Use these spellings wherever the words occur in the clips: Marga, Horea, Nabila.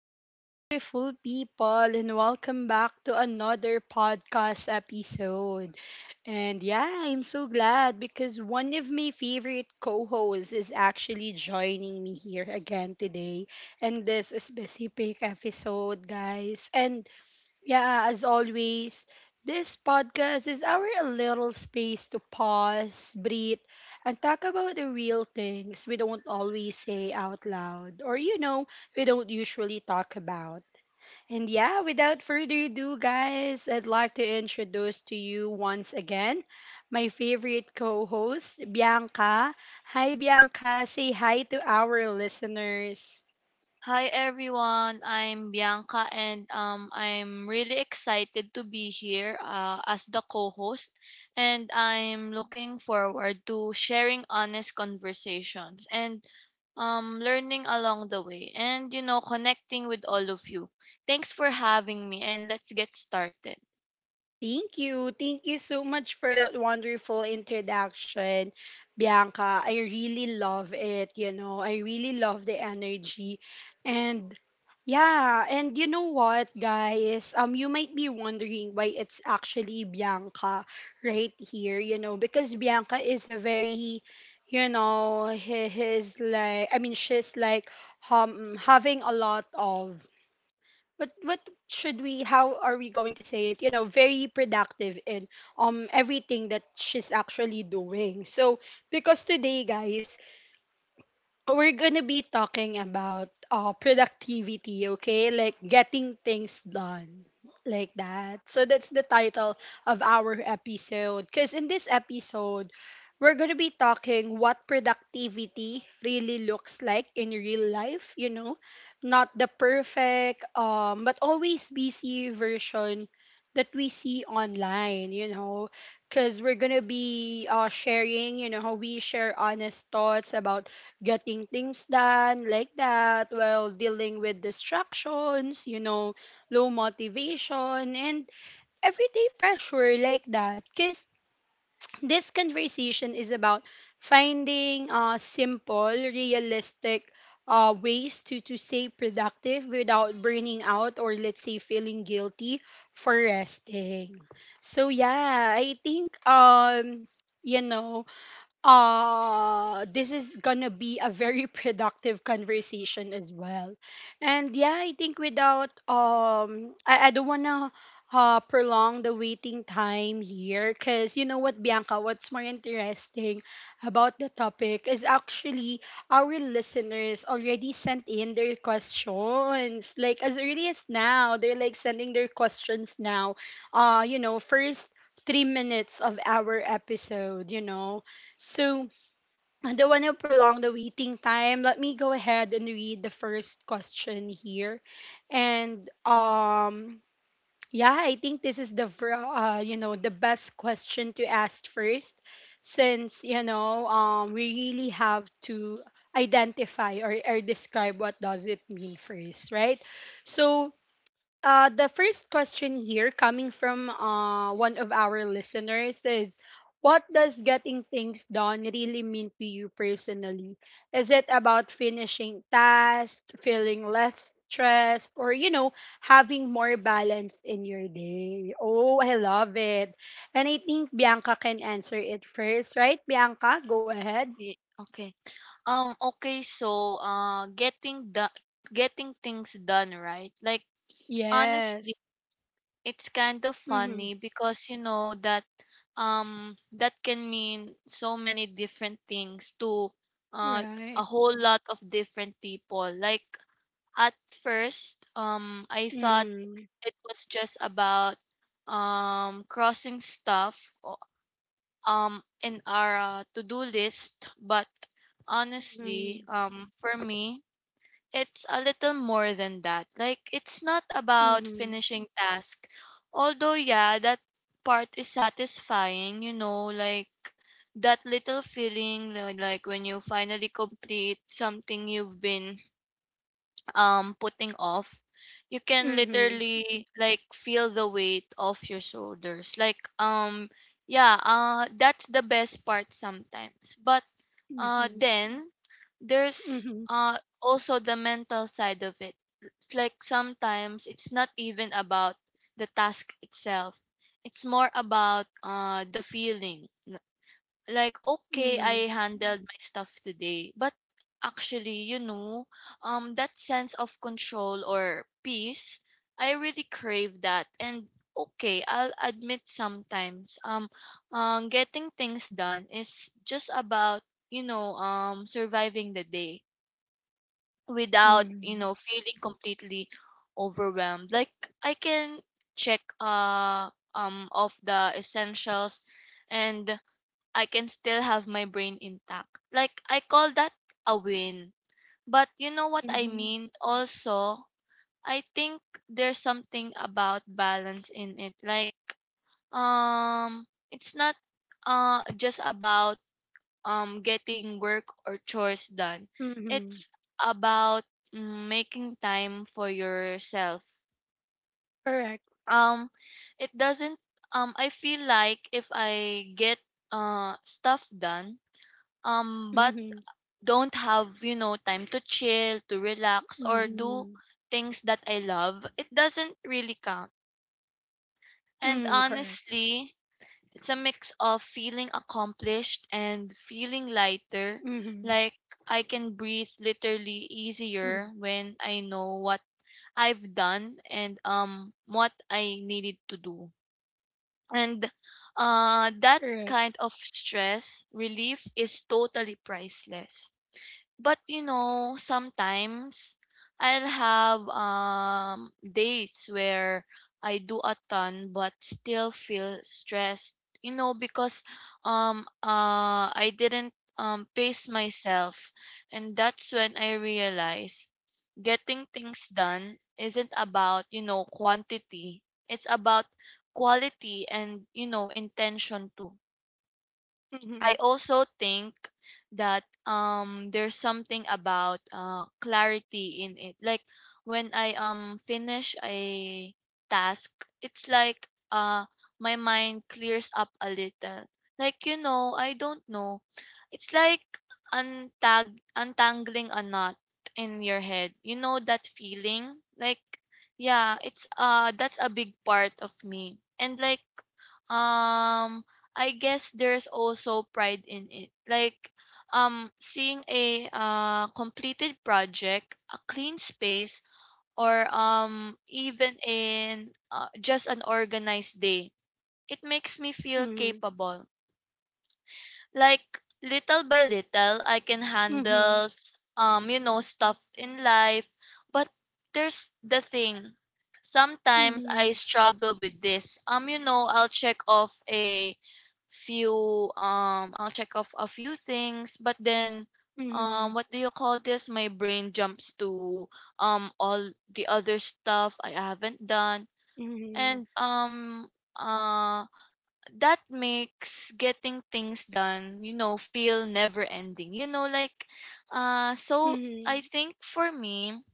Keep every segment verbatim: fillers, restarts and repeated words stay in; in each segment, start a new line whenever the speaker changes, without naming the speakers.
Hello, beautiful people, and welcome back to another podcast episode. And yeah, I'm so glad because one of my favorite co hosts is actually joining me here again today in this specific episode, guys. And yeah, as always, this podcast is our little space to pause, breathe, and talk about the real things we don't always say out loud or, you know, we don't usually talk about. And yeah, without further ado, guys, I'd like to introduce to you once again my favorite co host, Bianca. Hi, Bianca. Say hi to our listeners.
Hi everyone, I'm Bianca, and um, I'm really excited to be here uh, as the co-host, and I'm looking forward to sharing honest conversations and um, learning along the way, and you know connecting with all of you. Thanks for having me, and let's get started.
Thank you. Thank you so much for that wonderful introduction, Bianca. I really love it, you know. I really love the energy. And yeah, and you know what, guys? Um you might be wondering why it's actually Bianca right here, you know, because Bianca is a very you know, he, he's like, I mean, she's like um having a lot of, but what should we, how are we going to say it, you know, very productive in um everything that she's actually doing. So because today, guys, we're gonna be talking about uh, productivity, okay? Like getting things done, like that. So that's the title of our episode. Because in this episode, we're gonna be talking what productivity really looks like in real life. You know, not the perfect, um, but always busy version that we see online. You know, because we're gonna be uh, sharing. You know, how we share honest thoughts about getting things done like that while dealing with distractions, you know, low motivation, and everyday pressure like that. Because this conversation is about finding uh, simple, realistic uh, ways to, to stay productive without burning out or, let's say, feeling guilty for resting. So, yeah, I think, um, you know, uh this is gonna be a very productive conversation as well. And yeah, I think without um i, I don't wanna uh, prolong the waiting time here, because you know what, Bianca, what's more interesting about the topic is actually our listeners already sent in their questions, like as early as now they're like sending their questions now uh you know, first three minutes of our episode, you know. So, I don't want to prolong the waiting time. Let me go ahead and read the first question here. And um yeah, I think this is the fir- uh you know, the best question to ask first since, you know, um we really have to identify or, or describe what does it mean first, right? So, uh, the first question here coming from uh, one of our listeners is, what does getting things done really mean to you personally? Is it about finishing tasks, feeling less stressed, or, you know, having more balance in your day? Oh, I love it. And I think Bianca can answer it first, right? Bianca, go ahead.
Ye- Okay. Um okay, so uh getting the getting things done, right. Like, honestly,
Yes.
it's kind of
Mm-hmm.
funny because you know that um that can mean so many different things to uh,
Right.
a whole lot of different people. Like, at first, um I thought
Mm-hmm.
it was just about um crossing stuff o- um in our uh, to-do list. But
Mm-hmm.
honestly, um for me, it's a little more than that. Like, it's not about finishing task. Although yeah, that part is satisfying, you know, like that little feeling, li- like when you finally complete something you've been um putting off. You can
Mm-hmm.
literally like feel the weight off your shoulders, like um yeah, uh that's the best part sometimes. But uh
Mm-hmm.
then there's
Mhm.
uh also the mental side of it. It's like sometimes it's not even about the task itself. It's more about uh the feeling, like, okay, I
Mhm.
handled my stuff today. But actually, you know, um that sense of control or peace, I really crave that. And okay, I'll admit, sometimes um, um getting things done is just about, you know um surviving the day without, you
Mhm.
know feeling completely overwhelmed. Like, I can check uh um off the essentials, and I can still have my brain intact. Like, I call that a win. But you know what I
Mhm.
mean? Also, I think there's something about balance in it. Like, um it's not uh just about um getting work or chores done.
Mhm.
It's about, mm, making time for yourself.
Correct.
Um it doesn't um I feel like if I get uh stuff done, um but
Mhm.
don't have, you know, time to chill, to relax, or do
Mhm.
things that I love, it doesn't really count.
Mhm.
And
Correct.
honestly, it's a mix of feeling
Mhm.
accomplished and feeling lighter. Like,
Mhm.
I can breathe literally easier when I know what I've done and um what I needed to do. And
Correct.
uh that kind of stress relief is totally priceless. But you know, sometimes I'll have um days where I do a ton but still feel stressed, you know because um uh I didn't um pace myself. And that's when I realize getting things done isn't about, you know quantity. It's about quality and, you know intention too.
Mhm.
I also think that um there's something about uh clarity in it. Like, when I um finish a task, it's like uh my mind clears up a little. Like, you know, I don't know. It's like untag untangling a knot in your head. You know that feeling? Like yeah, it's uh that's a big part of me. And like, um I guess there's also pride in it. Like, um seeing a uh completed project, a clean space, or um even in uh, just an organized day. It makes me feel capable, like little by little I can
Mhm.
handle s- um you know, stuff in life. But there's the thing, sometimes I
Mhm.
struggle with this. Um you know, I'll check off a few um I'll check off a few things, but then,
Mhm.
um what do you call this, my brain jumps to um all the other stuff I haven't done.
Mhm. Mhm.
And um um that makes getting things done, you know, feel never ending. You know, like, uh so
Mhm.
I think for me,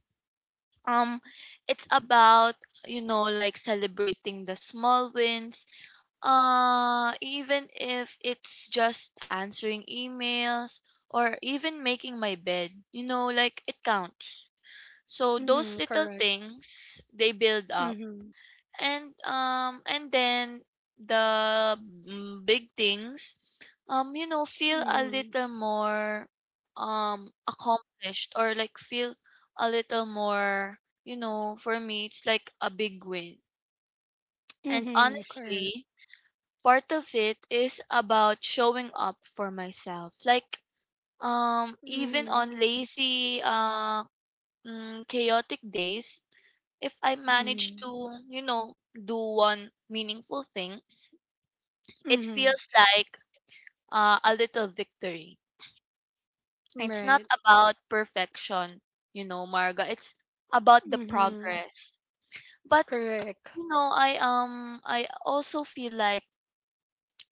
um it's about, you know, like celebrating the small wins. Uh even if it's just answering emails or even making my bed, you know, like, it counts. So
Mhm.
those little
Correct.
things, they build up.
Mhm.
And um and then the mm, big things, um you know, feel a
Mhm.
little more um accomplished, or like feel a little more, you know, for me it's like a big win. And
Mhm. Correct.
honestly, part of it is about showing up for myself, like um even
Mhm.
on lazy, uh mm, chaotic days, if I manage
Mhm.
to, you know do one meaningful thing, it
Mhm.
feels like uh, a little victory. It's
Right.
not about perfection, you know, Marga. It's about the
Mhm.
progress. But
Correct.
you know, I um I also feel like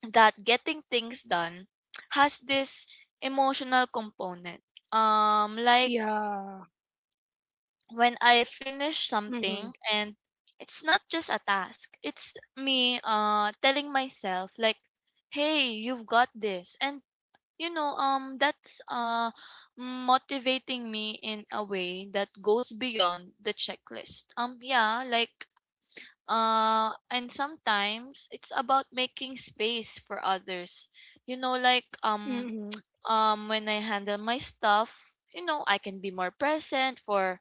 that getting things done has this emotional component. Um like,
Yeah.
when I finish
Mhm.
something, and it's not just a task. It's me uh telling myself like, "Hey, you've got this." And, you know, um that's uh motivating me in a way that goes beyond the checklist. Um yeah, like, uh and sometimes it's about making space for others. You know, like, um
Mhm.
um when I handle my stuff, you know, I can be more present for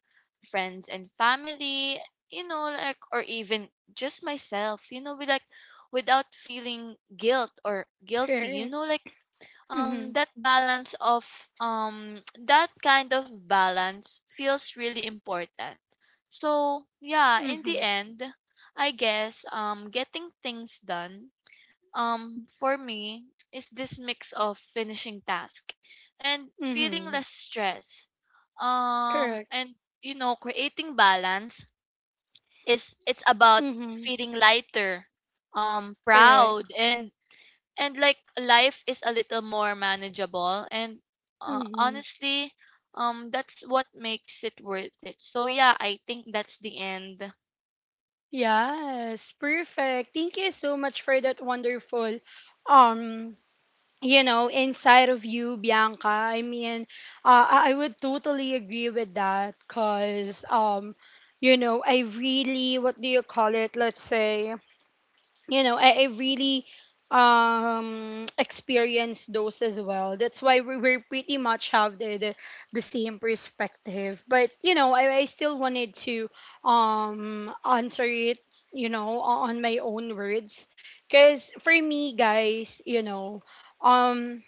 friends and family, you know, like, or even just myself, you know, we like without feeling guilt or guilty, you
Correct.
know, like,
Mhm.
um that balance of um that kind of balance feels really important. So yeah, in the
Mhm.
end, I guess, um getting things done, um for me, is this mix of finishing task and feeling
Mhm.
less stress, um
Correct.
and, you know, creating balance. Is it's about
Mm-hmm.
feeling lighter, um
Correct.
proud, and and like life is a little more manageable. And uh,
Mm-hmm.
honestly, um that's what makes it worth it. So yeah, I think that's the end.
Yes, perfect. Thank you so much for that wonderful, um, you know, inside of you, Bianca. I mean, uh, I I would totally agree with that because, um, you know, I really, what do you call it? Let's say, you know, I, I really um experienced those as well. That's why we were pretty much have the, the the same perspective. But you know, I, I still wanted to um answer it, you know, o- on my own words. Cause for me, guys, you know, um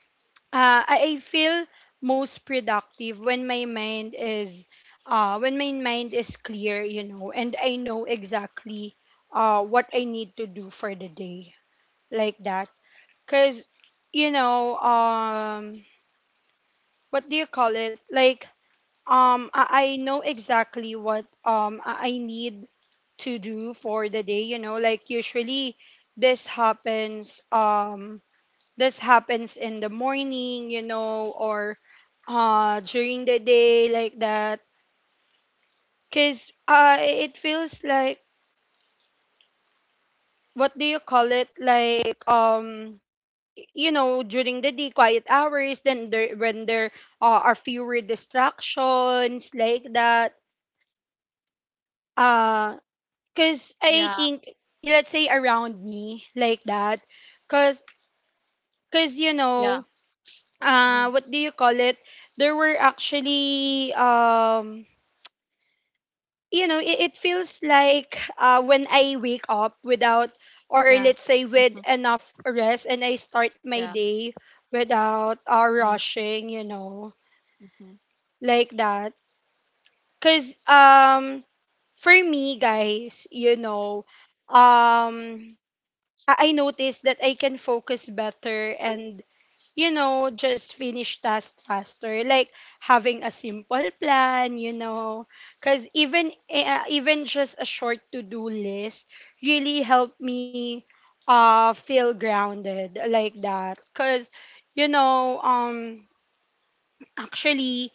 uh, I I feel most productive when my mind is uh, when my mind is clear, you know, and I know exactly uh, what I need to do for the day like that. Cause you know, um, what do you call it? Like, um, I, I know exactly what um I I need to do for the day. You know, like usually this happens um this happens in the morning, you know, or uh during the day like that. Cause uh it feels like, what do you call it? Like, um you know, during the day quiet hours then there when there uh, are fewer distractions like that, uh cuz I
Yeah.
think, let's say around me like that. Cuz cuz you
Yeah.
know
Mm,
uh what do you call it, there were actually um you know, it, it feels like uh, when I wake up without, or
yeah.
let's say with
Hmm.
enough rest, and I start my
Yeah.
day without uh,
Mm,
rushing, you know,
hmm.
like that. Cause um, for me, guys, you know, um, I I noticed that I can focus better and you know, just finish tasks faster, like having a simple plan, you know, because even uh, even just a short to do list really helped me uh feel grounded like that, because you know um actually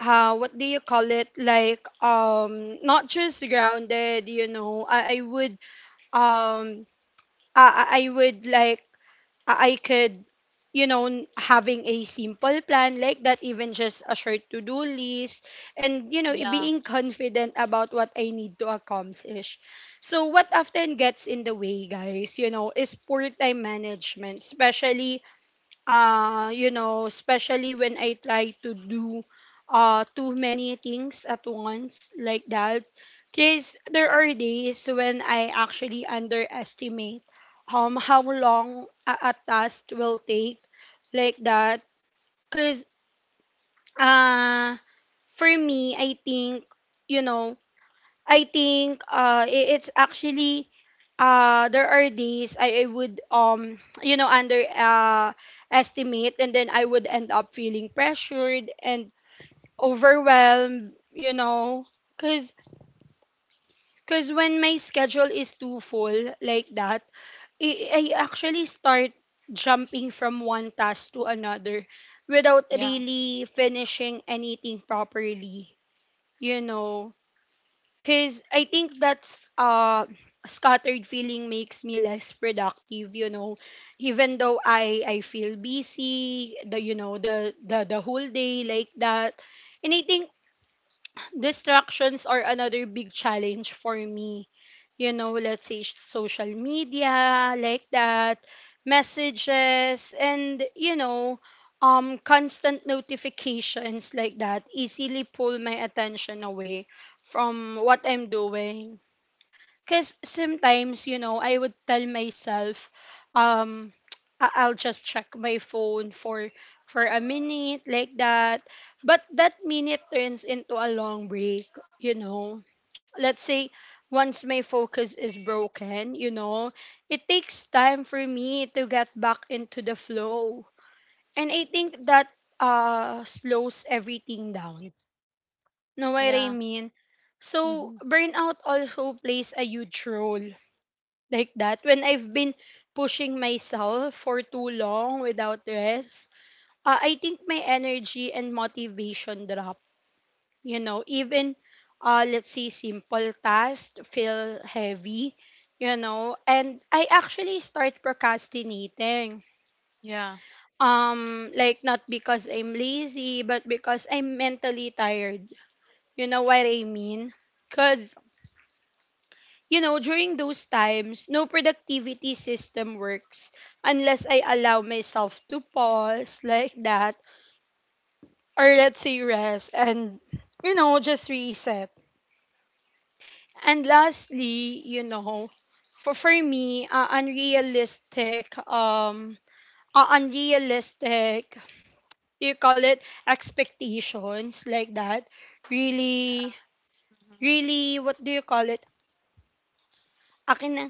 uh what do you call it like um not just grounded, you know, i, I would um I, I I would like I I could, you know, n- having a simple plan like that, even just a short to do list, and, you know, i-
Yeah.
being confident about what I need to accomplish. So, what often gets in the way, guys, you know, is poor time management, especially uh, you know, especially when I try to do uh, too many things at once like that. Because there are days when I actually underestimate um, how long a, a task will take like that. Because uh, for me, I think, you know, I think uh i- it's actually uh there are days I, I would um you know under uh estimate, and then I would end up feeling pressured and overwhelmed, you know. Cause cause when my schedule is too full like that, I, I actually start jumping from one task to another without
Yeah.
really finishing anything properly, you know. Cause I think that's uh scattered feeling makes me less productive, you know. Even though I I feel busy, the you know, the the the whole day like that. And I think distractions are another big challenge for me. You know, let's say sh- social media, like that, messages, and, you know, um, constant notifications like that easily pull my attention away from what I'm doing, because sometimes, you know, I would tell myself, um, I- I'll just check my phone for for a minute like that. But that minute turns into a long break, you know. Let's say once my focus is broken, you know, it takes time for me to get back into the flow. And I think that uh slows everything down. Know what I
Yeah.
mean? So
Hmm.
burnout also plays a huge role like that, when I've been pushing myself for too long without rest, uh, I think my energy and motivation drop. You know, even uh, let's say simple tasks feel heavy, you know, and I actually start procrastinating.
Yeah.
Um, like not because I'm lazy, but because I'm mentally tired. You know what I mean? Cause you know, during those times, no productivity system works unless I allow myself to pause like that, or let's say rest and, you know, just reset. And lastly, you know, for, for me, uh, unrealistic, um, uh, unrealistic, do you call it expectations like that, really,
Hmm.
really, what do you call it? Akin na,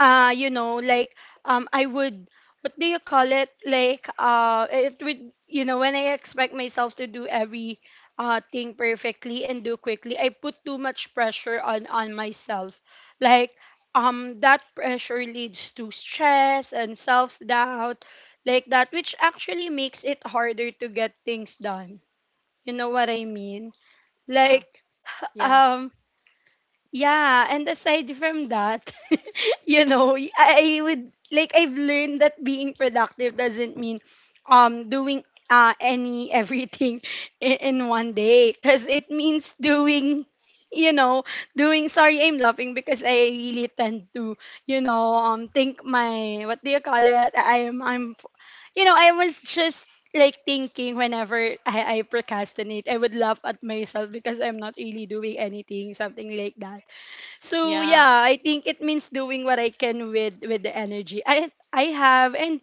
uh you know like um I would, what do you call it, like uh it would, you know, when I expect myself to do every uh thing perfectly and do quickly, I put too much pressure on on myself like um that pressure leads to stress and self doubt like that, which actually makes it harder to get things done, you know what I mean,
Yeah.
like
Yeah.
um yeah, and aside from that, you know, I I would like, I've learned that being productive doesn't mean um doing uh any everything in, in one day, cuz it means doing, you know, doing, sorry I'm laughing because I really tend to, you know, um think my, what do you call it? I am I'm, you know, I was just like thinking whenever I, I procrastinate, I would laugh at myself because I'm not really doing anything, something like that. So
Yeah.
yeah, I think it means doing what I can with with the energy I I have and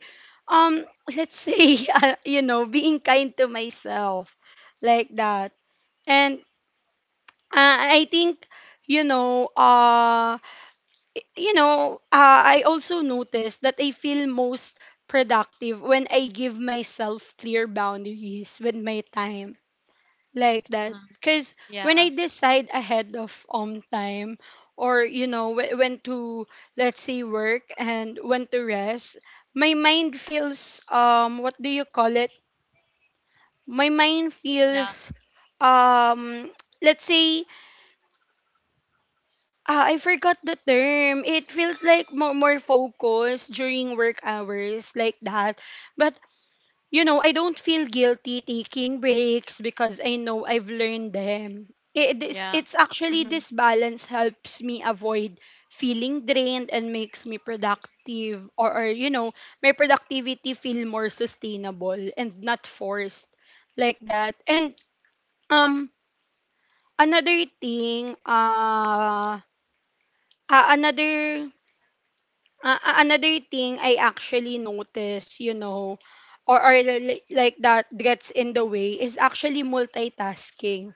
um let's say uh, you know being kind to myself like that. And uh, I think you know uh you know uh, I also noticed that I feel most productive when I give myself clear boundaries with my time, like that,
Mm,
because when I
yeah.
decide ahead of um time or you know wh- when to, let's say, work and when to rest, my mind feels, um what do you call it, my mind
Yeah.
feels, um let's say, uh, I forgot the term, it feels like more, more focused during work hours, like that. But you know, I don't feel guilty taking breaks because I know I've learned them. It, it's,
Yeah.
it's actually
Hmm.
this balance helps me avoid feeling drained and makes me productive, or, or you know, my productivity feel more sustainable and not forced, like that. And um another thing, uh, uh another Uh, a- another thing I actually notice, you know, or, or li- like that, gets in the way is actually multitasking,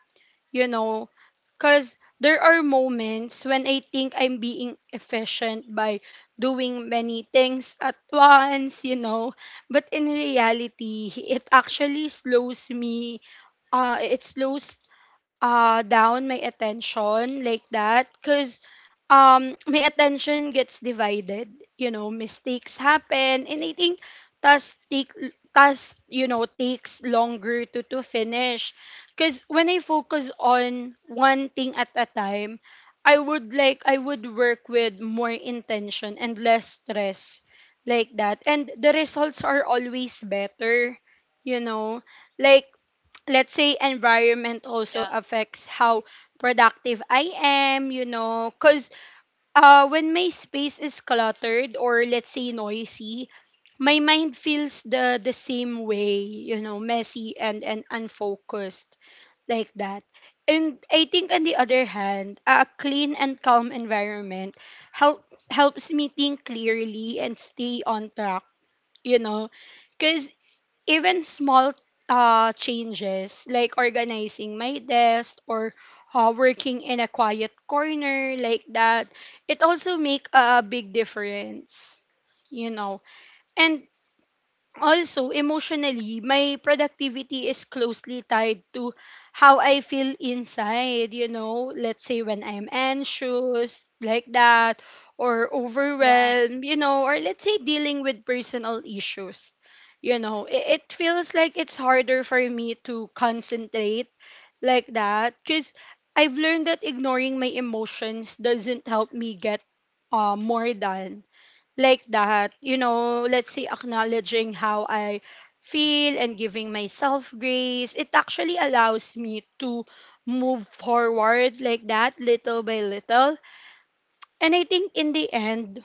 you know, because there are moments when I think I'm being efficient by doing many things at once, you know, but in reality, it actually slows me, uh, it slows uh down my attention, like that, because um my attention gets divided, you know, mistakes happen, and I think task take task you know takes longer to to finish. Because when I focus on one thing at a time, i would like I would work with more intention and less stress, like that, and the results are always better, you know. Like, let's say, environment also
Yeah.
affects how productive I am, you know, cuz uh when my space is cluttered or, let's say, noisy, my mind feels the the same way, you know, messy and and unfocused, like that. And I think, on the other hand, a clean and calm environment help helps me think clearly and stay on track, you know. Cause even small uh, changes like organizing my desk or uh, working in a quiet corner, like that, it also make a big difference, you know. And also, emotionally, my productivity is closely tied to how I feel inside, you know. Let's say when I'm anxious, like that, or
Yeah.
overwhelmed, you know, or let's say dealing with personal issues. You know, it, it feels like it's harder for me to concentrate, like that, because I've learned that ignoring my emotions doesn't help me get uh, more done, like that. You know, let's say, acknowledging how I feel and giving myself grace, it actually allows me to move forward, like that, little by little. And I think, in the end,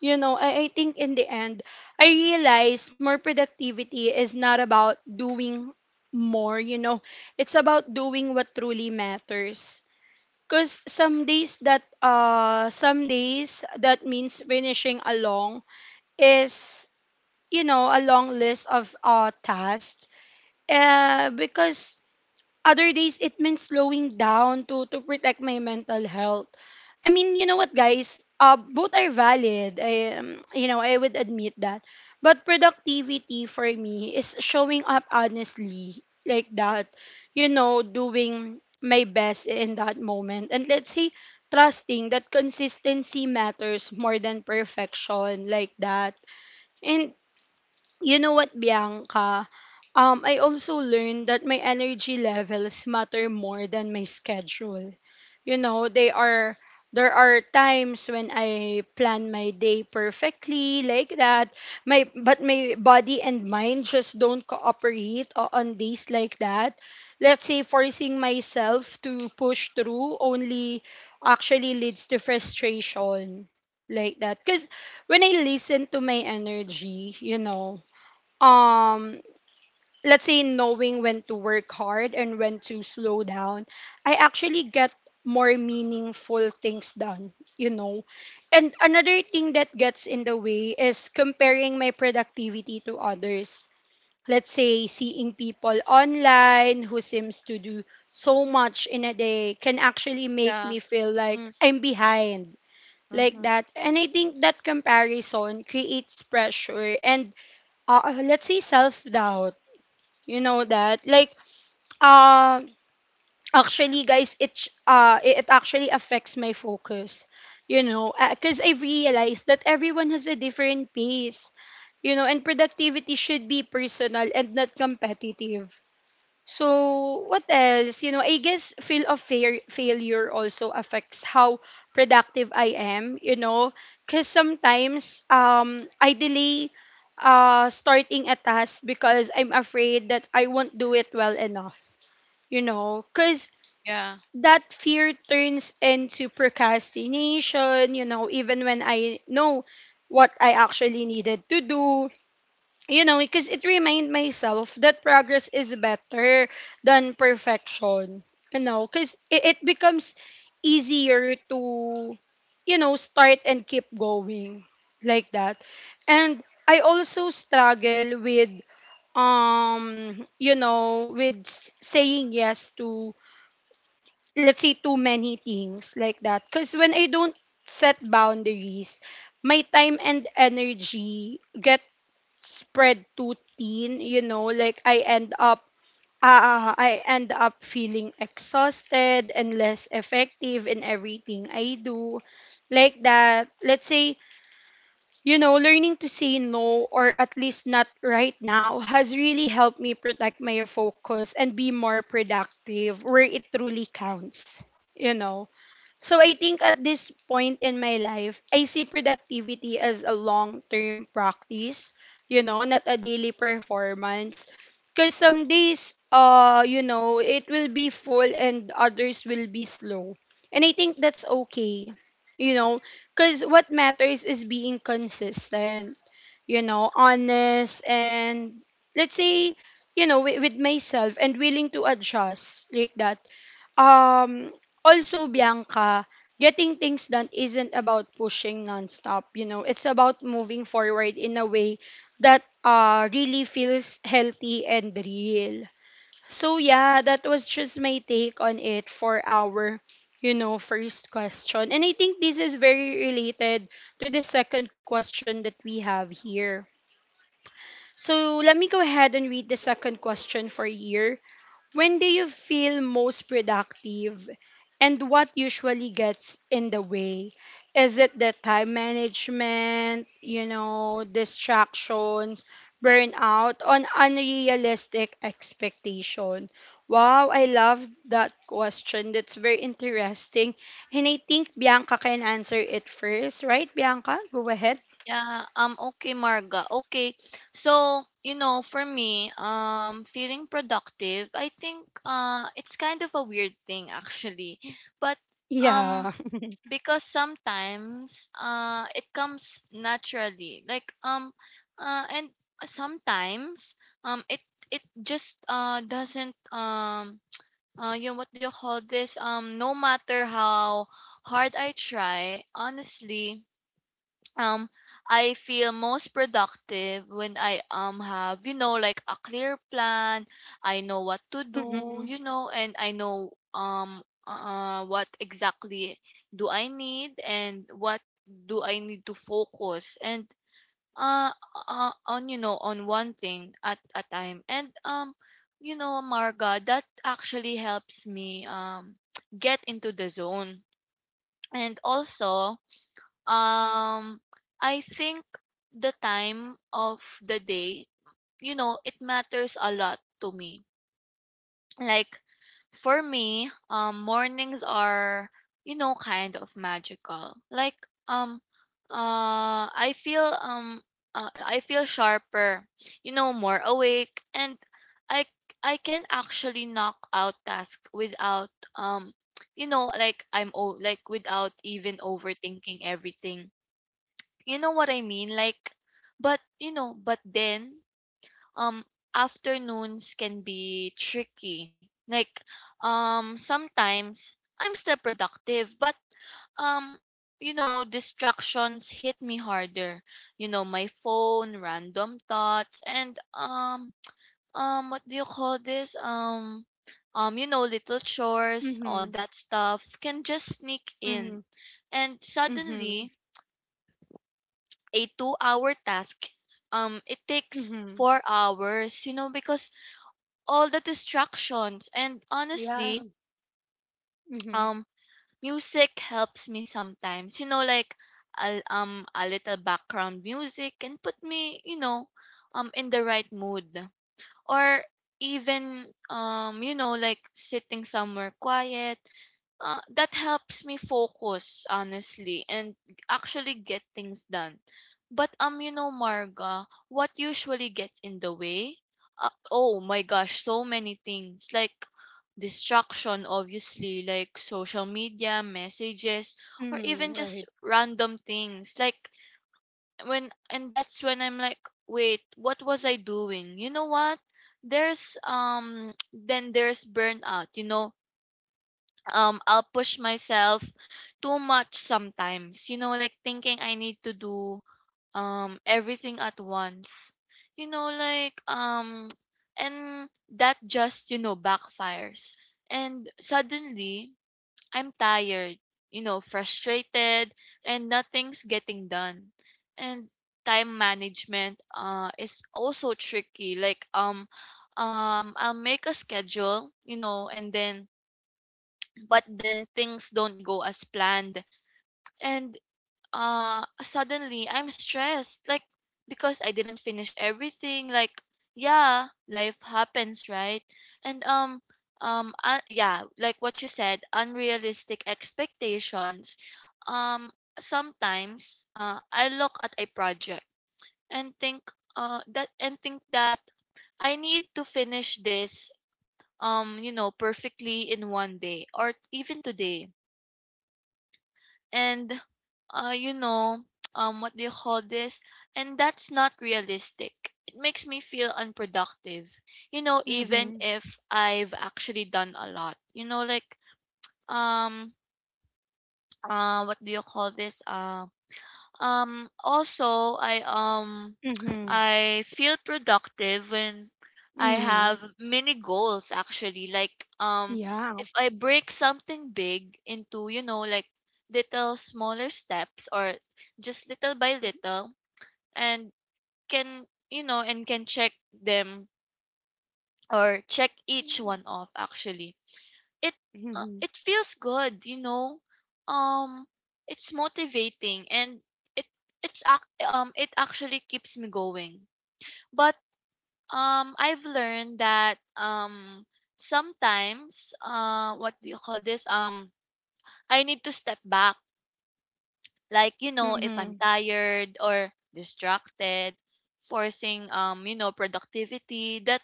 you know i, I think in the end, I realize more productivity is not about doing more, you know, it's about doing what truly matters. Because some days that uh some days that means finishing along is you know, a long list of uh, tasks. Uh, because other days it means slowing down to to protect my mental health. I mean, you know what, guys? Uh, both are valid. I, um, you know, I would admit that. But productivity for me is showing up honestly, like that. You know, doing my best in that moment. And, let's say, trusting that consistency matters more than perfection, like that. And you know what, Bianca? Um, I also learned that my energy levels matter more than my schedule. You know, they are there are times when I plan my day perfectly, like that. My but my body and mind just don't cooperate o- on days like that. Let's say forcing myself to push through only actually leads to frustration, like that. Because when I listen to my energy, you know, um let's say knowing when to work hard and when to slow down, I actually get more meaningful things done, you know. And another thing that gets in the way is comparing my productivity to others. Let's say seeing people online who seems to do so much in a day can actually make
Yeah.
me feel like
Mm,
I'm behind, like
hmm.
that. And I think that comparison creates pressure and, uh, let's say, self doubt. You know that? Like, uh, actually, guys, it, sh- uh, it it actually affects my focus. You know, because I've realized that everyone has a different pace. You know, and productivity should be personal and not competitive. So, what else? You know, I guess feel of fair, failure also affects how productive I am, you know, because sometimes um, I delay uh, starting a task because I'm afraid that I won't do it well enough, you know. Because
Yeah.
that fear turns into procrastination, you know, even when I know what I actually needed to do. You know, because it remind myself that progress is better than perfection. You know, because it, it becomes easier to, you know, start and keep going, like that. And I also struggle with, um, you know, with s- saying yes to, let's say, too many things, like that. Because when I don't set boundaries, my time and energy get spread too thin, you know. Like I end up, uh, I end up feeling exhausted and less effective in everything I do. Like that. Let's say, you know, learning to say no, or at least not right now, has really helped me protect my focus and be more productive where it truly counts, you know. So I think at this point in my life, I see productivity as a long-term practice, you know, not a daily performance. Because some days, uh, you know, it will be full and others will be slow. And I think that's okay, you know, because what matters is being consistent, you know, honest, and, let's say, you know, wi- with myself, and willing to adjust, like that. um Also, Bianca, getting things done isn't about pushing nonstop, you know. It's about moving forward in a way that uh really feels healthy and real. So yeah, that was just my take on it for our, you know, first question. And I think this is very related to the second question that we have here. So let me go ahead and read the second question for here. When do you feel most productive and what usually gets in the way? Is it the time management, you know, distractions, burnout, on unrealistic expectation? Wow, I love that question. That's very interesting. And I think Bianca can answer it first, right, Bianca? Go ahead.
Yeah, um okay, Marga. Okay. So, you know, for me, um feeling productive, I think uh it's kind of a weird thing, actually. But um
Yeah.
because sometimes uh it comes naturally. Like, um uh and sometimes, um it it just uh doesn't, um uh you know, what do you call this? Um no matter how hard I try, honestly, um I feel most productive when I um have, you know, like a clear plan. I know what to do,
Mm-hmm.
you know, and I know um uh what exactly do I need, and what do I need to focus, and uh, uh on, you know on one thing at a time. And um you know, Marga, that actually helps me um get into the zone. And also, um, I think the time of the day, you know, it matters a lot to me. Like, for me, um, mornings are, you know, kind of magical. Like, um, uh, I feel um, uh, I feel sharper, you know, more awake, and I I can actually knock out tasks without, um, you know, like, I'm o- like, without even overthinking everything, you know what I mean? Like, but you know, but then, um afternoons can be tricky. Like, um sometimes I'm still productive, but, um you know, distractions hit me harder. You know, my phone, random thoughts, and, um um what do you call this? Um um you know, little chores, all
Mm-hmm.
that stuff can just sneak in. And
Mm-hmm.
suddenly, a two hour task, um it takes
Mm-hmm.
four hours, you know, because all the distractions. And
Yeah.
honestly,
Mm-hmm.
um music helps me sometimes, you know, like a, um a little background music can put me, you know, um in the right mood. Or even, um you know, like sitting somewhere quiet, uh, that helps me focus, honestly, and actually get things done. But, um, you know, Marga, what usually gets in the way? Uh, oh my gosh, so many things, like distraction, obviously, like social media, messages, or
Mm,
even just
right.
random things. Like, when, and that's when I'm like, wait, what was I doing? You know what? There's um, Then there's burnout. You know, um I'll push myself too much sometimes. You know, like, thinking I need to do um everything at once. You know, like, um and that just, you know, backfires. And suddenly I'm tired, you know, frustrated, and nothing's getting done. And time management uh is also tricky. Like, um um I'll make a schedule, you know, and then but then things don't go as planned, and uh suddenly I'm stressed, like, because I didn't finish everything. Like, yeah, life happens, right? And um um uh, yeah, like what you said, unrealistic expectations. um Sometimes, uh I look at a project, and think uh that and think that I need to finish this, um you know, perfectly in one day or even today. And uh, you know, um, what do you call this? And that's not realistic. It makes me feel unproductive. You know, even
Mm-hmm.
if I've actually done a lot. You know, like, um, uh, what do you call this? Uh, um, also, I um
Mm-hmm.
I feel productive when I
Mm-hmm.
have mini goals, actually. Like, um
Yeah.
if I break something big into, you know, like little smaller steps, or just little by little, and can, you know and can check them, or check each one off, actually. It uh,
Mm-hmm.
it feels good, you know. Um it's motivating and it it's ac- um it actually keeps me going. But um, I've learned that um sometimes uh what do you call this? Um, I need to step back. Like, you know, if I'm
Mm-hmm.
tired or distracted, forcing um, you know, productivity that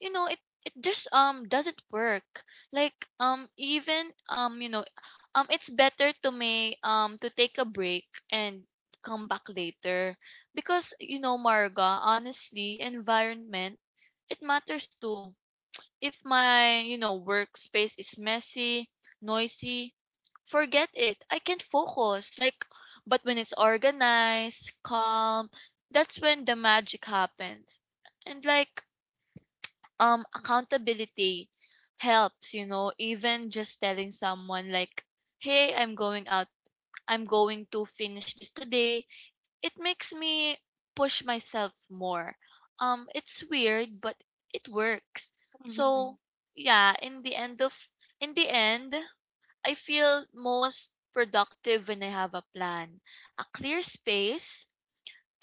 you know it it just um doesn't work. Like um even um, you know, um it's better to me um to take a break and come back later because you know Marga, honestly, environment, it matters too. If my, you know, workspace is messy, noisy, forget it. I can't focus. Like, but when it's organized, calm, that's when the magic happens. And like, um, accountability helps, you know, even just telling someone like, hey, I'm going out. I'm going to finish this today. It makes me push myself more. Um, it's weird, but it works.
Mm-hmm.
So yeah, in the end of in the end, I feel most productive when I have a plan, a clear space,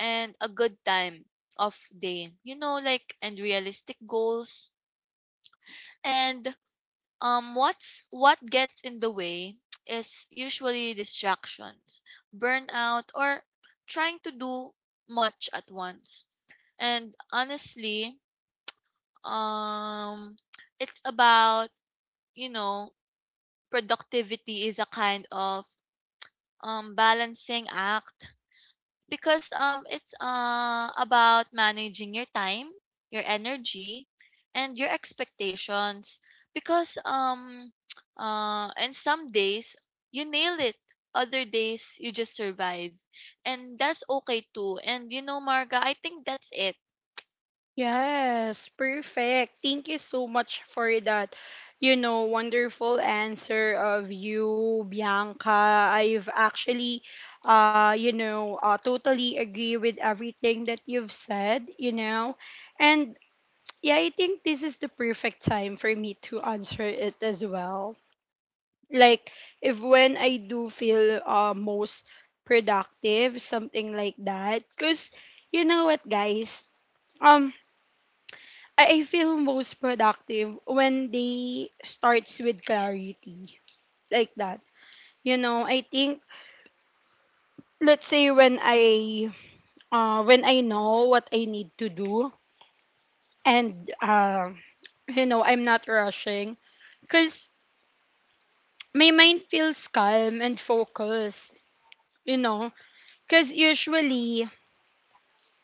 and a good time of day. You know, like, and realistic goals. And um, what's what gets in the way is usually distractions, burnout, or trying to do much at once. And honestly, um, it's about, you know, productivity is a kind of um, balancing act because um, it's uh, about managing your time, your energy, and your expectations. Because um, uh, and some days you nail it, other days you just survive, and that's okay too. And you know, Marga, I think that's it.
Yes, perfect. Thank you so much for that, you know, wonderful answer of you, Bianca. I've actually, uh, you know, uh, totally agree with everything that you've said, you know. And yeah, I think this is the perfect time for me to answer it as well. Like, if when I do feel, uh, most productive, something like that. Cause you know what, guys, um, I I feel most productive when they starts with clarity, like that. You know, I think, let's say, when I, uh when I know what I need to do, and uh you know I'm not rushing, cause my mind feels calm and focused. You know, cause usually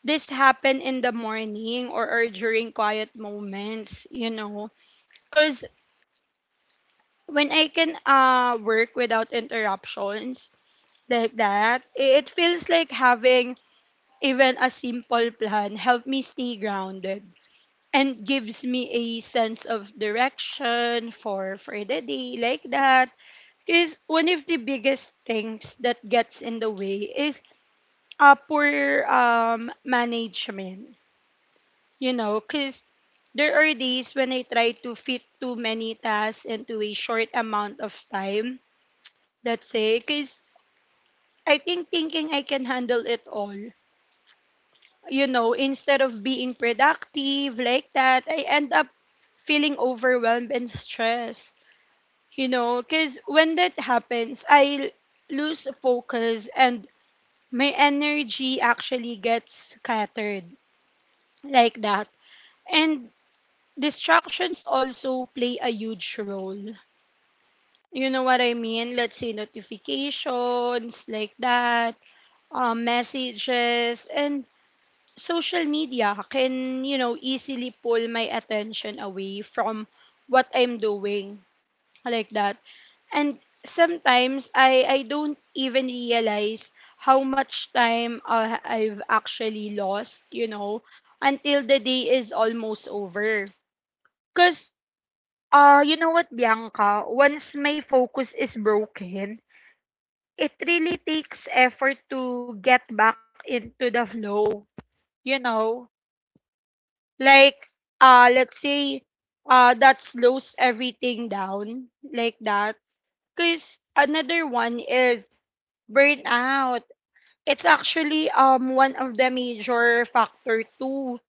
this happen in the morning, or, or during quiet moments, you know. Because when I can, uh, work without interruptions, like that, i- it feels like having even a simple plan help me stay grounded and gives me a sense of direction for for the day, like that, is one of the biggest things that gets in the way is a poor um management, you know, because there are days when I try to fit too many tasks into a short amount of time. That's it. Because I think thinking I can handle it all, you know, instead of being productive, like that, I end up feeling overwhelmed and stressed, you know, because when that happens, I l- lose focus and my energy actually gets scattered, like that. And distractions also play a huge role. You know what I mean? Let's say notifications, like that, um, messages, and social media can, you know, easily pull my attention away from what I'm doing, like that. And sometimes I, I don't even realize how much time uh, I've actually lost, you know, until the day is almost over. Ah, you know what, Bianca? Once my focus is broken, it really takes effort to get back into the flow. You know, like, uh, let's say, uh, that slows everything down, like that. Because another one is burnout. It's actually um one of the major factor too.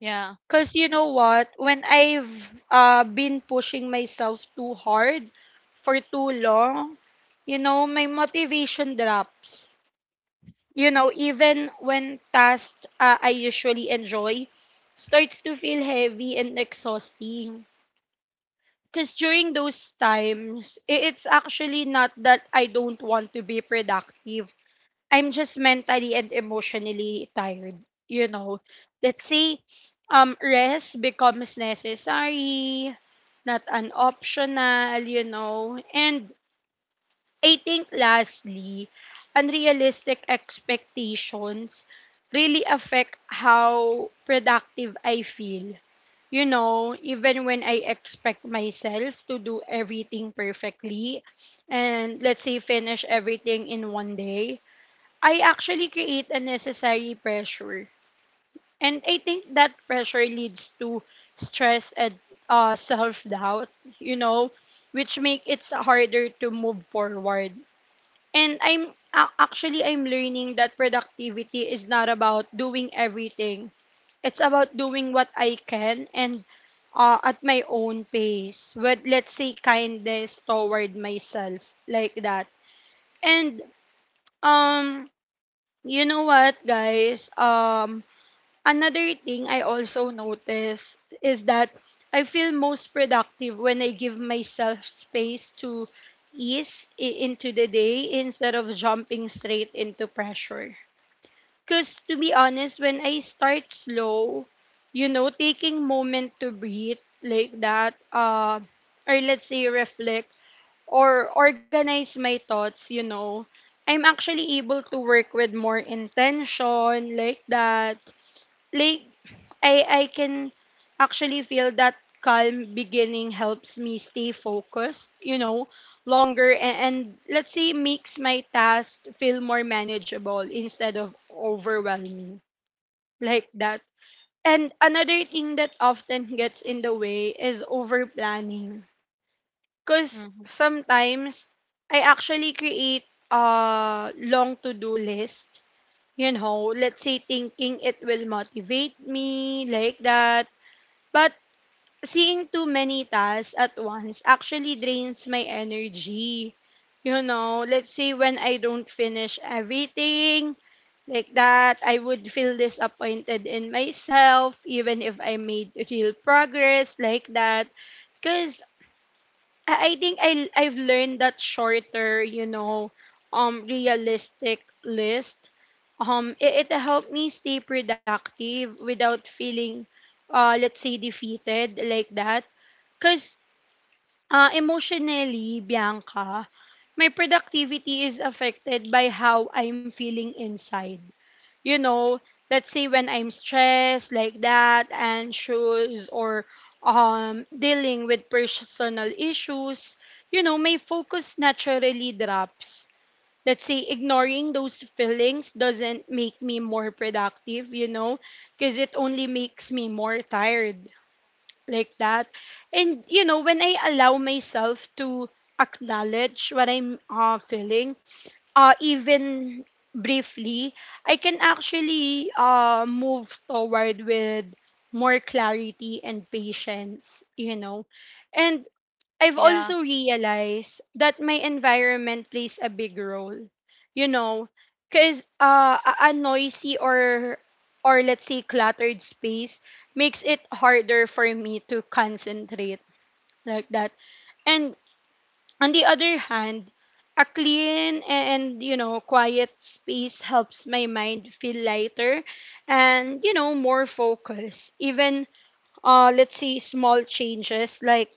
Yeah.
Because you know what? When I've uh, been pushing myself too hard for too long, you know, my motivation drops. You know, even when tasks uh, I usually enjoy starts to feel heavy and exhausting. Because during those times, i- it's actually not that I don't want to be productive, I'm just mentally and emotionally tired, you know. Let's say um rest becomes necessary, not an optional, you know. And I think, lastly, unrealistic expectations really affect how productive I feel. You know, even when I expect myself to do everything perfectly, and, let's say, finish everything in one day, I actually create a necessary pressure. And I think that pressure leads to stress and, uh, self doubt, you know, which make it harder to move forward. And I'm a- actually I'm learning that productivity is not about doing everything. It's about doing what I can and uh, at my own pace with, let's say, kindness toward myself like that. And um you know what, guys? Um, another thing I also notice is that I feel most productive when I give myself space to ease i- into the day instead of jumping straight into pressure. Because, to be honest, when I start slow, you know, taking moment to breathe like that, uh, or, let's say, reflect, or organize my thoughts, you know, I'm actually able to work with more intention like that. Like, I I can actually feel that calm beginning helps me stay focused, you know, longer, and, and let's say makes my task feel more manageable instead of overwhelming like that. And another thing that often gets in the way is over planning. Because
Hmm.
sometimes I actually create a long to-do list, you know, let's say thinking it will motivate me like that. But seeing too many tasks at once actually drains my energy. You know, let's say when I don't finish everything like that, I would feel disappointed in myself even if I made real progress like that. Because I I think I I've learned that shorter, you know, um realistic list. Um it, it helped me stay productive without feeling uh let's say defeated like that. Cause Uh, emotionally, Bianca, my productivity is affected by how I'm feeling inside. You know, let's say when I'm stressed like that, anxious, or um, dealing with personal issues, you know, my focus naturally drops. Let's say ignoring those feelings doesn't make me more productive, you know, because it only makes me more tired like that. And you know, when I allow myself to acknowledge what I'm uh, feeling, uh, even briefly, I can actually uh, move toward with more clarity and patience, you know. And I've
Yeah.
also realized that my environment plays a big role. You know, because uh, a a noisy or or let's say cluttered space makes it harder for me to concentrate like that. And on the other hand, a clean and, you know, quiet space helps my mind feel lighter and, you know, more focused. Even uh let's say small changes like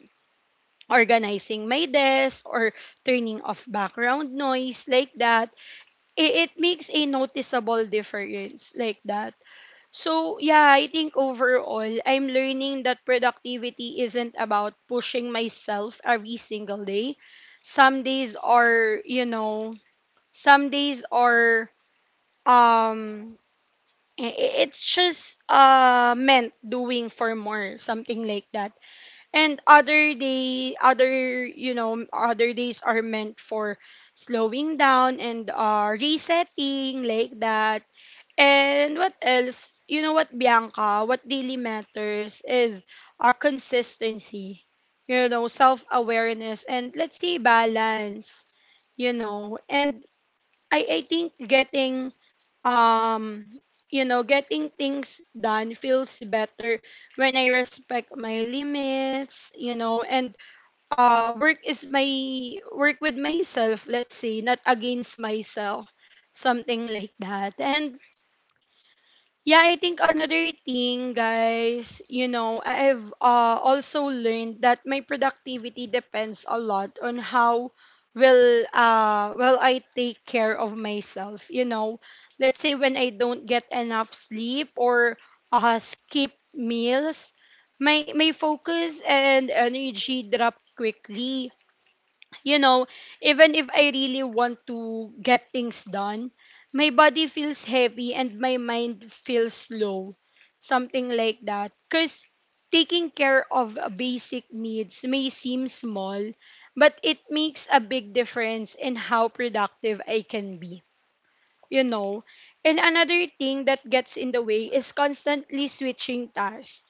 organizing my desk or turning off background noise like that, it, it makes a noticeable difference like that. So yeah, I think overall I'm learning that productivity isn't about pushing myself every single day. Some days are you know some days are um I- I- it's just uh meant doing for more something like that. And other day, other you know, other days are meant for slowing down and, uh, resetting like that. And what else? You know what, Bianca? What really matters is, uh, consistency. You know, self awareness and, let's say, balance. You know, and I I think getting um you know getting things done feels better when I respect my limits, you know, and uh work is my work with myself, let's say, not against myself, something like that. And yeah, I think another thing, guys, you know, I- I've uh, also learned that my productivity depends a lot on how will uh will I take care of myself. You know, let's say when I don't get enough sleep or, uh, skip meals, my my focus and energy drop quickly. You know, even if I really want to get things done, my body feels heavy and my mind feels low. Something like that. Because taking care of uh, basic needs may seem small, but it makes a big difference in how productive I can be, you know. And another thing that gets in the way is constantly switching tasks.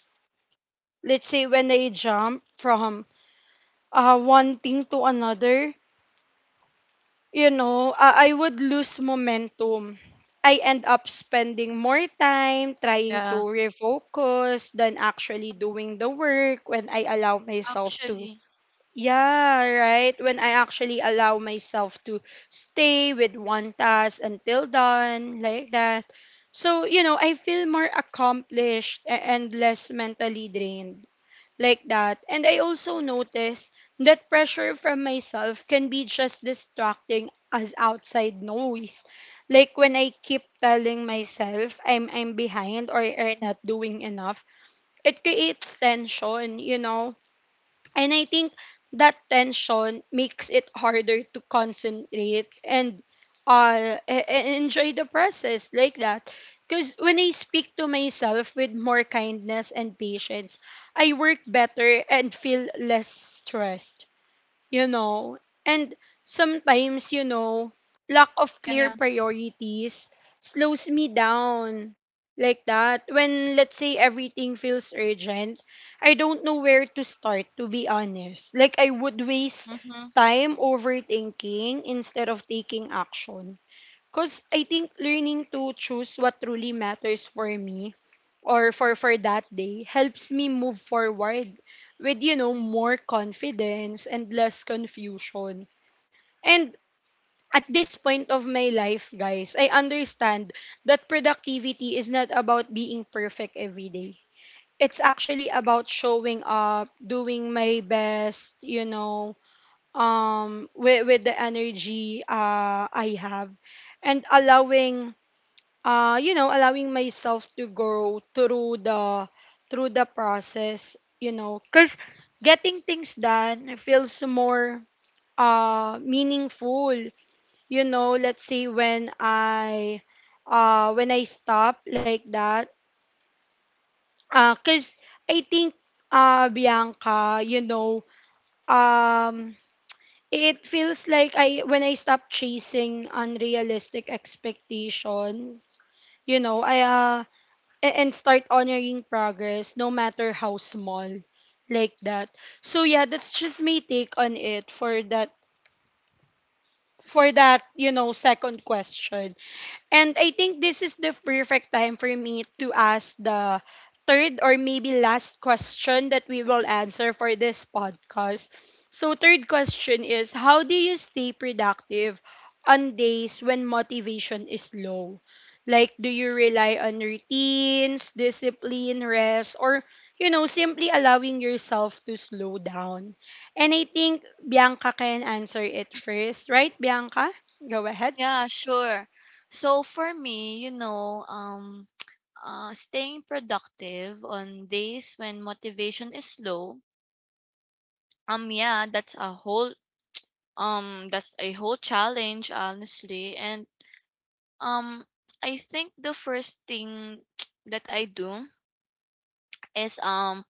Let's say when I jump from uh, one thing to another, you know, uh, I would lose momentum. I end up spending more time trying to
Yeah.
refocus than actually doing the work when I allow myself to.
Actually,
Yeah, right. When I actually allow myself to stay with one task until done, like that. So, you know, I feel more accomplished a- and less mentally drained like that. And I also noticed that pressure from myself can be just distracting as outside noise. Like when I keep telling myself I'm I'm behind or, or not doing enough, it creates tension, you know. And I think that tension makes it harder to concentrate and uh e- e- enjoy the process like that. Because when I speak to myself with more kindness and patience, I work better and feel less stressed, you know. And sometimes, you know, lack of clear
yeah.
priorities slows me down like that. When, let's say, everything feels urgent, I don't know where to start, to be honest. Like, I would waste
Mm-hmm.
time overthinking instead of taking action. Because I think learning to choose what truly matters for me or for, for that day helps me move forward with, you know, more confidence and less confusion. And at this point of my life, guys, I understand that productivity is not about being perfect every day. It's actually about showing up, doing my best, you know, um, with, with the energy uh, I have, and allowing, uh, you know, allowing myself to grow through the, through the process, you know, because getting things done feels more uh meaningful, you know. Let's say when I, uh when I stop like that, uh, because I think, uh Bianca, you know, um. it feels like I when I stop chasing unrealistic expectations, you know, I, uh, a- and start honoring progress no matter how small like that. So yeah, that's just my take on it for that, for that, you know, second question. And I think this is the perfect time for me to ask the third or maybe last question that we will answer for this podcast. So, third question is: how do you stay productive on days when motivation is low? Like, do you rely on routines, discipline, rest, or, you know, simply allowing yourself to slow down? And I think Bianca can answer it first, right, Bianca? Go ahead.
Yeah, sure. So for me, you know, um, uh, staying productive on days when motivation is low, um, yeah, that's a whole, um, that's a whole challenge, honestly. And um, I think the first thing that I do is um,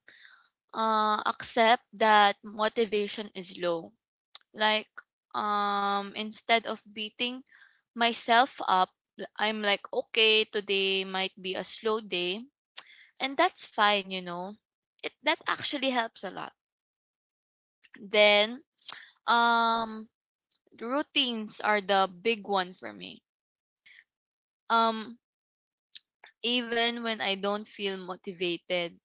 uh, accept that motivation is low. Like, um instead of beating myself up, I'm like, okay, today might be a slow day and that's fine, you know. It that actually helps a lot. Then um routines are the big one for me. um Even when I don't feel motivated,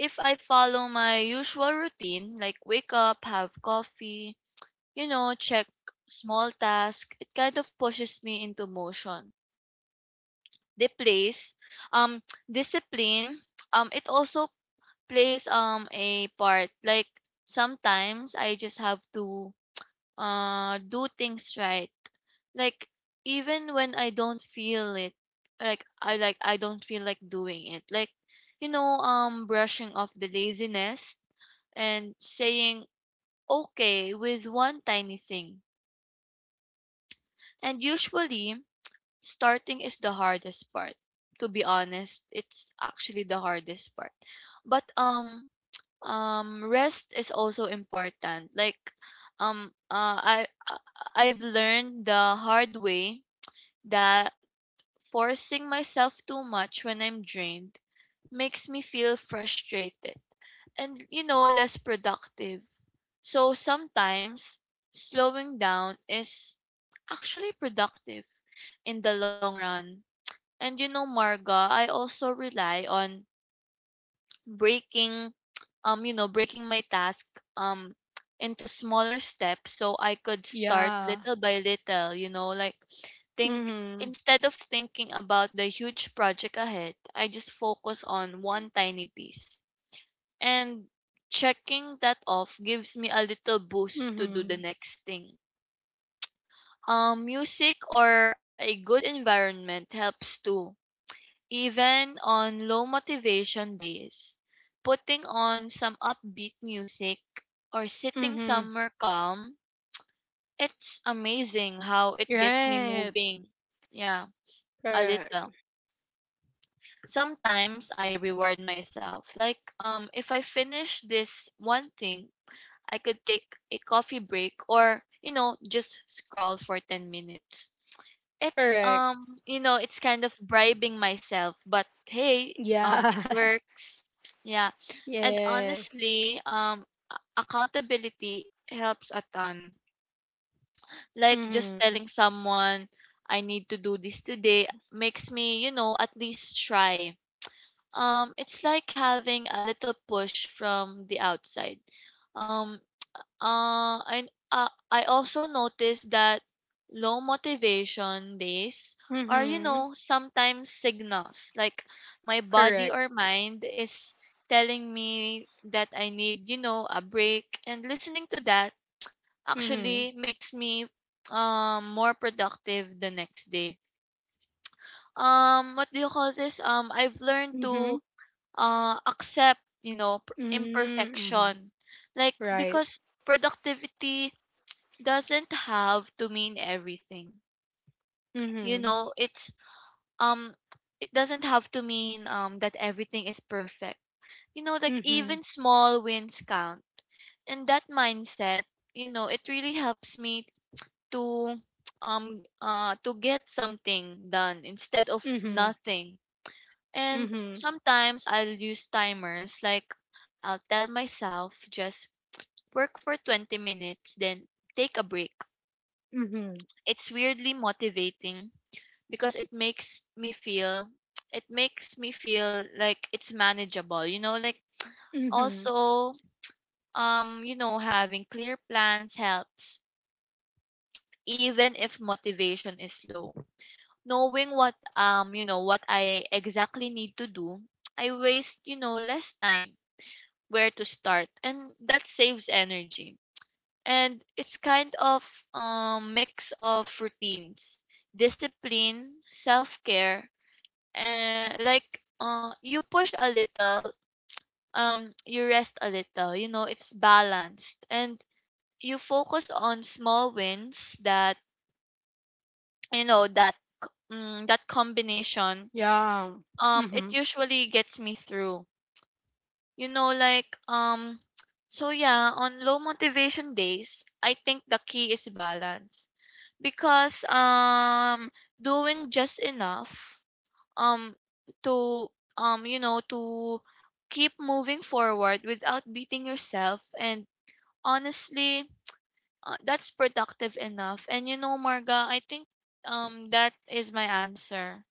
if I follow my usual routine, like wake up, have coffee, you know, check small task, it kind of pushes me into motion. They place. um Discipline, um it also plays um a part. Like sometimes I just have to uh do things right. Like even when I don't feel it, like i like i don't feel like doing it, like, you know, um brushing off the laziness and saying okay with one tiny thing. And usually starting is the hardest part. To be honest, it's actually the hardest part. But um um rest is also important. Like um uh, I I- I've learned the hard way that forcing myself too much when I'm drained makes me feel frustrated and, you know, less productive. So sometimes slowing down is actually productive in the long run. And you know, Marga, I also rely on breaking um, you know, breaking my task um into smaller steps so I could start
Yeah.
little by little, you know. Like think
Mhm.
instead of thinking about the huge project ahead, I just focus on one tiny piece. And checking that off gives me a little boost to do the
Mhm.
next thing. Um music or a good environment helps too. Even on low motivation days, putting on some upbeat music or sitting
Mhm.
somewhere calm, it's amazing how it gets me
Right.
moving. Yeah, a
Correct.
little. Sometimes I reward myself. Like, um if I finish this one thing, I could take a coffee break or, you know, just scroll for ten minutes. It's
Correct.
um, you know, it's kind of bribing myself, but hey, um, it
Yeah.
works. Yeah. And
Yes.
honestly, um, a- accountability helps a ton. Like just
Mhm.
telling someone I need to do this today makes me, you know, at least try. Um, it's like having a little push from the outside. Um, uh, I uh, I also noticed that low motivation days are, you
Mhm.
know, sometimes signals. Like my body
Correct.
or mind is telling me that I need, you know, a break. And listening to that
Mhm.
actually makes me um more productive the next day. Um, what do you call this? Um, I've learned to
Mhm.
uh accept, you know, p-
Mhm. Mhm.
imperfection. Like
Right.
because productivity doesn't have to mean everything. You
Mhm.
know, it's um it doesn't have to mean um that everything is perfect. You know, like
Mhm.
even small wins count. And that mindset, you know, it really helps me to um uh to get something done instead of
Mhm.
nothing. And
Mhm.
sometimes I'll use timers. Like, I'll tell myself just work for twenty minutes, then take a break.
Mhm.
It's weirdly motivating because it makes me feel it makes me feel like it's manageable, you know. Like
Mhm.
also, um you know, having clear plans helps. Even if motivation is low, knowing what um you know what I exactly need to do, I waste, you know, less time where to start, and that saves energy. And it's kind of um mix of routines, discipline, self-care. And like, uh you push a little, um you rest a little, you know. It's balanced, and you focus on small wins. That you know that c- mm, That combination
Yeah.
um it
Mhm.
usually gets me through, you know. Like um so yeah, on low motivation days, I think the key is balance. Because um doing just enough um to um you know, to keep moving forward without beating yourself. And honestly, uh, that's productive enough. And you know, Marga, I think um that is my answer.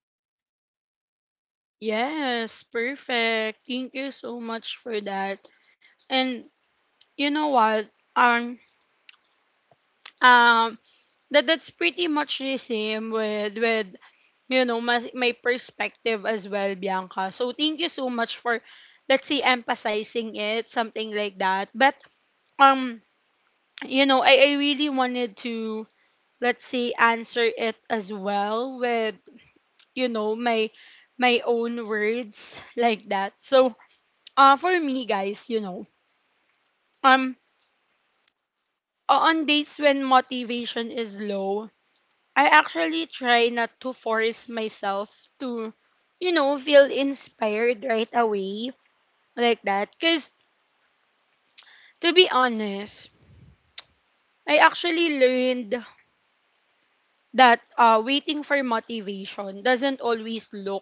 Yes, perfect. Thank you so much for that. And you know what? Um um that that's pretty much the same with with you know, my, my perspective as well, Bianca, so thank you so much for, let's say, emphasizing it, something like that. But um you know, i, I really wanted to, let's say, answer it as well with, you know, my my own words like that. So uh for me, guys, you know, um o- on days when motivation is low, I actually try not to force myself to, you know, feel inspired right away like that. Because to be honest, I actually learned that, uh, waiting for motivation doesn't always look,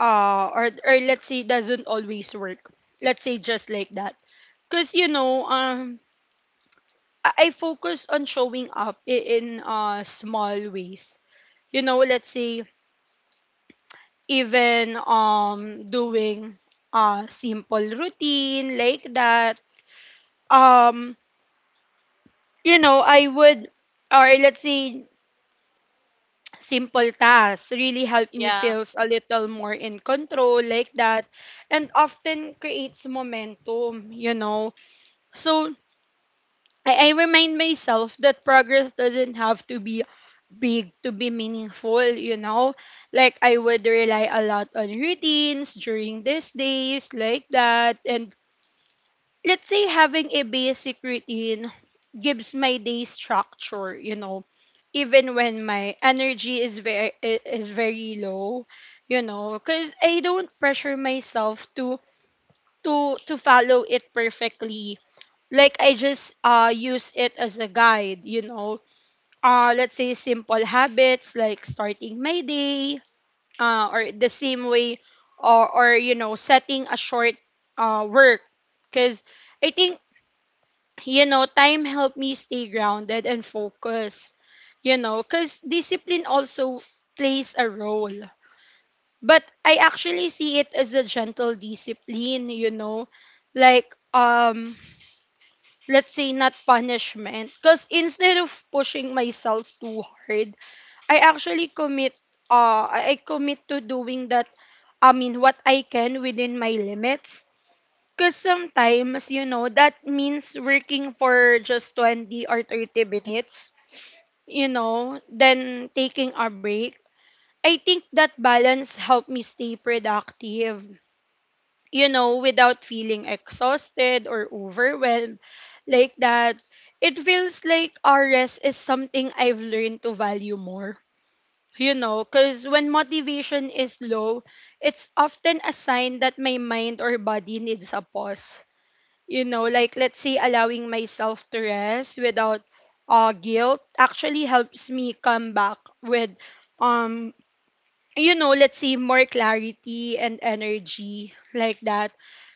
uh, or, or let's say, doesn't always work. Let's say just like that. Because, you know, um, I I focus on showing up, i- in, uh, small ways, you know, let's say even um doing a simple routine like that. Um you know I would Or let's say simple tasks really help me
Yeah.
feels a little more in control like that, and often creates momentum, you know. So, i, I remind myself that progress doesn't have to be big to be meaningful, you know. Like, I would rely a lot on routines during these days like that. And let's say having a basic routine gives my day structure, you know, even when my energy is very is very low. You know, because I don't pressure myself to, to to follow it perfectly. Like I just uh use it as a guide, you know. Uh let's say simple habits like starting my day, uh or the same way, or or you know, setting a short uh work, because I think, you know, time helped me stay grounded and focused, you know, because discipline also plays a role. But I actually see it as a gentle discipline, you know, like, um, let's say not punishment. Because instead of pushing myself too hard, I actually commit, uh, I I commit to doing that, I mean, what I can within my limits. 'Cause sometimes, you know, that means working for just twenty or thirty minutes, you know, then taking a break. I think that balance helped me stay productive, you know, without feeling exhausted or overwhelmed like that. It feels like R S is something I've learned to value more, you know, because when motivation is low, it's often a sign that my mind or body needs a pause. You know, like, let's say, allowing myself to rest without, uh, guilt actually helps me come back with, um you know, let's say, more clarity and energy like that.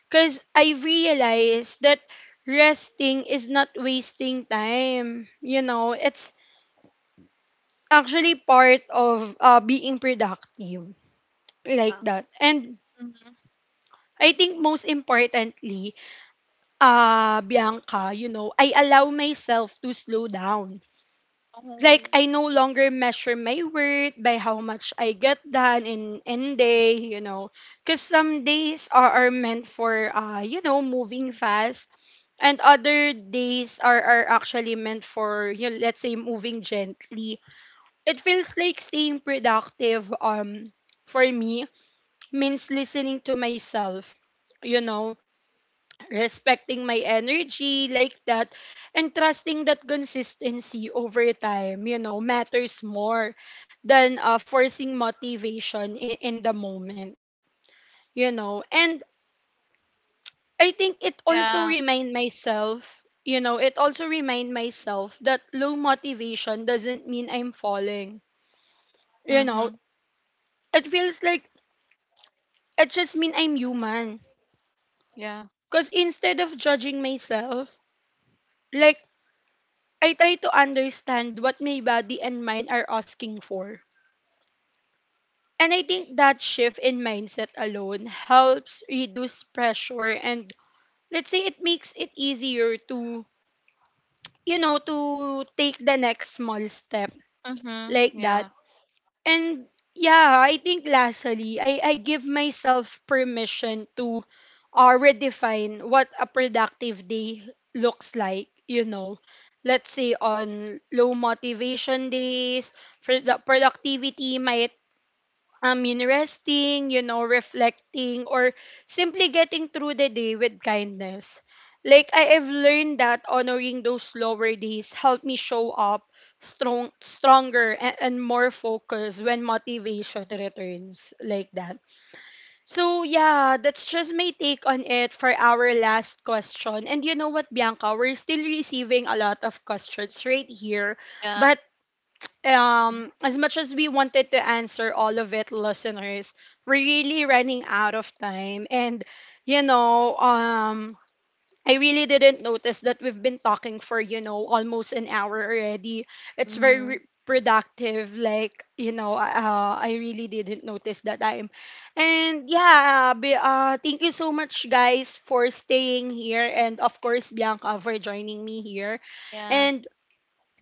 Cause I've realized that resting is not wasting time. You know, it's actually part of, uh, being productive like
Yeah.
that. And
Mm-hmm.
I think most importantly, uh, Bianca, you know, I allow myself to slow down.
Oh,
Like, I no
yeah.
longer measure my worth by how much I get done in in day, you know. Because some days are, are meant for, uh, you know, moving fast. And other days are, are actually meant for, you know, let's say, moving gently. It feels like staying productive um, for me means listening to myself, you know, respecting my energy like that, and trusting that consistency over time, you know, matters more than uh, forcing motivation in, in the moment, you know and i think it also
Yeah.
remind myself you know it also remind myself that low motivation doesn't mean I'm falling, you
Mm-hmm.
know. It feels like it just mean I'm human,
Yeah.
because instead of judging myself, like, I try to understand what my body and mind are asking for. And I think that shift in mindset alone helps reduce pressure and, let's say, it makes it easier to, you know, to take the next small step
Mm-hmm.
like that.
Yeah.
And yeah, I think lastly, I, I give myself permission to uh, redefine what a productive day looks like, you know. Let's say on low motivation days, for the productivity might um, yun, resting, you know, reflecting, or simply getting through the day with kindness. Like, I have learned that honoring those slower days helped me show up strong, stronger, and, and more focused when motivation returns like that. So, yeah, that's just my take on it for our last question. And you know what, Bianca? We're still receiving a lot of questions right here.
Yeah.
But um as much as we wanted to answer all of it, listeners, we're really running out of time, and you know um I really didn't notice that we've been talking for, you know, almost an hour already. It's
Mm-hmm.
very productive, like, you know, uh, uh, I really didn't notice that time. And yeah, be, uh, thank you so much guys for staying here, and of course Bianca for joining me here,
Yeah.
and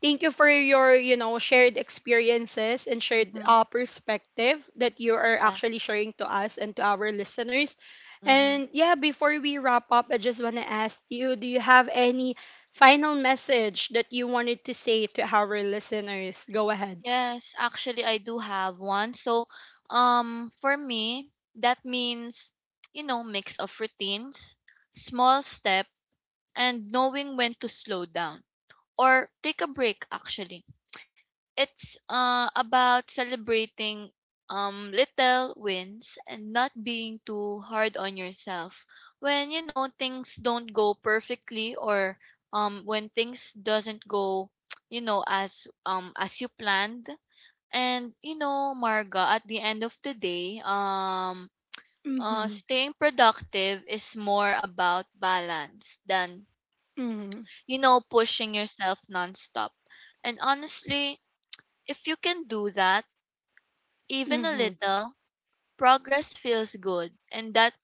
thank you for your, you know, shared experiences and shared
Mm-hmm.
uh, perspective that you are
yeah
actually sharing to us and to our listeners.
mm-hmm.
And yeah, before we wrap up, I just want to ask you, do you have any final message that you wanted to say to our listeners? Go ahead.
Yes, actually I do have one. So, um for me, that means, you know, mix of routines, small step, and knowing when to slow down or take a break actually. It's uh about celebrating um little wins and not being too hard on yourself. When, you know, things don't go perfectly, or um when things doesn't go, you know, as um as you planned. And you know, Marga, at the end of the day, um, uh,
Mm-hmm.
staying productive is more about balance than,
Mm-hmm.
you know, pushing yourself nonstop. And honestly, if you can do that, even a
Mm-hmm.
little, progress feels good, and that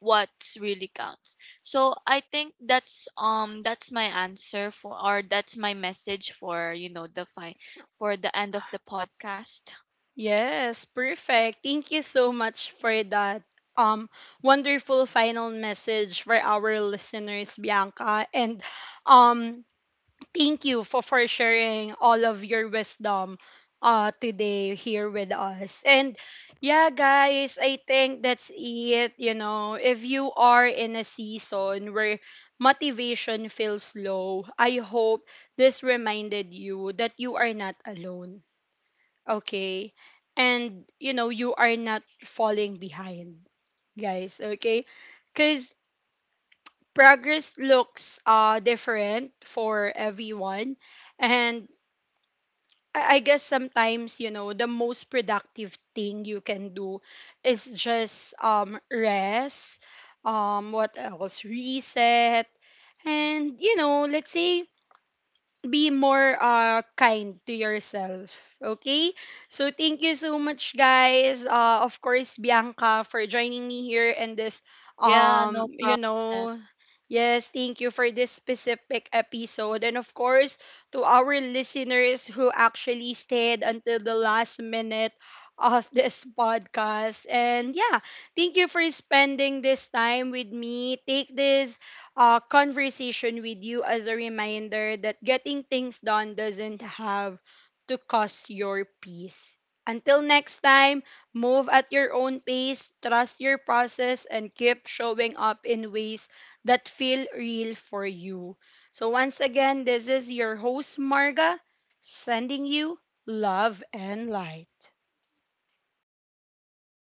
what's really counts. So I think that's um that's my answer for, or that's my message for, you know, the fi- for the end of the podcast.
Yes, perfect. Thank you so much for that um wonderful final message for our listeners, Bianca. And um thank you for, for sharing all of your wisdom uh today here with us. And yeah guys, I think that's it, you know. If you are in a season where motivation feels low, I hope this reminded you that you are not alone, okay, and you know, you are not falling behind guys, okay, because progress looks uh different for everyone. And I I guess sometimes, you know, the most productive thing you can do is just um rest, um what else, reset, and you know, let's say be more uh kind to yourself, okay. So thank you so much guys, uh of course Bianca for joining me here in this,
Yeah,
um
no
you
problem.
know yes, thank you for this specific episode, and of course to our listeners who actually stayed until the last minute of this podcast. And yeah, thank you for spending this time with me. Take this uh, conversation with you as a reminder that getting things done doesn't have to cost your peace. Until next time, move at your own pace, trust your process, and keep showing up in ways that feel real for you. So, once again, this is your host, Marga, sending you love and light.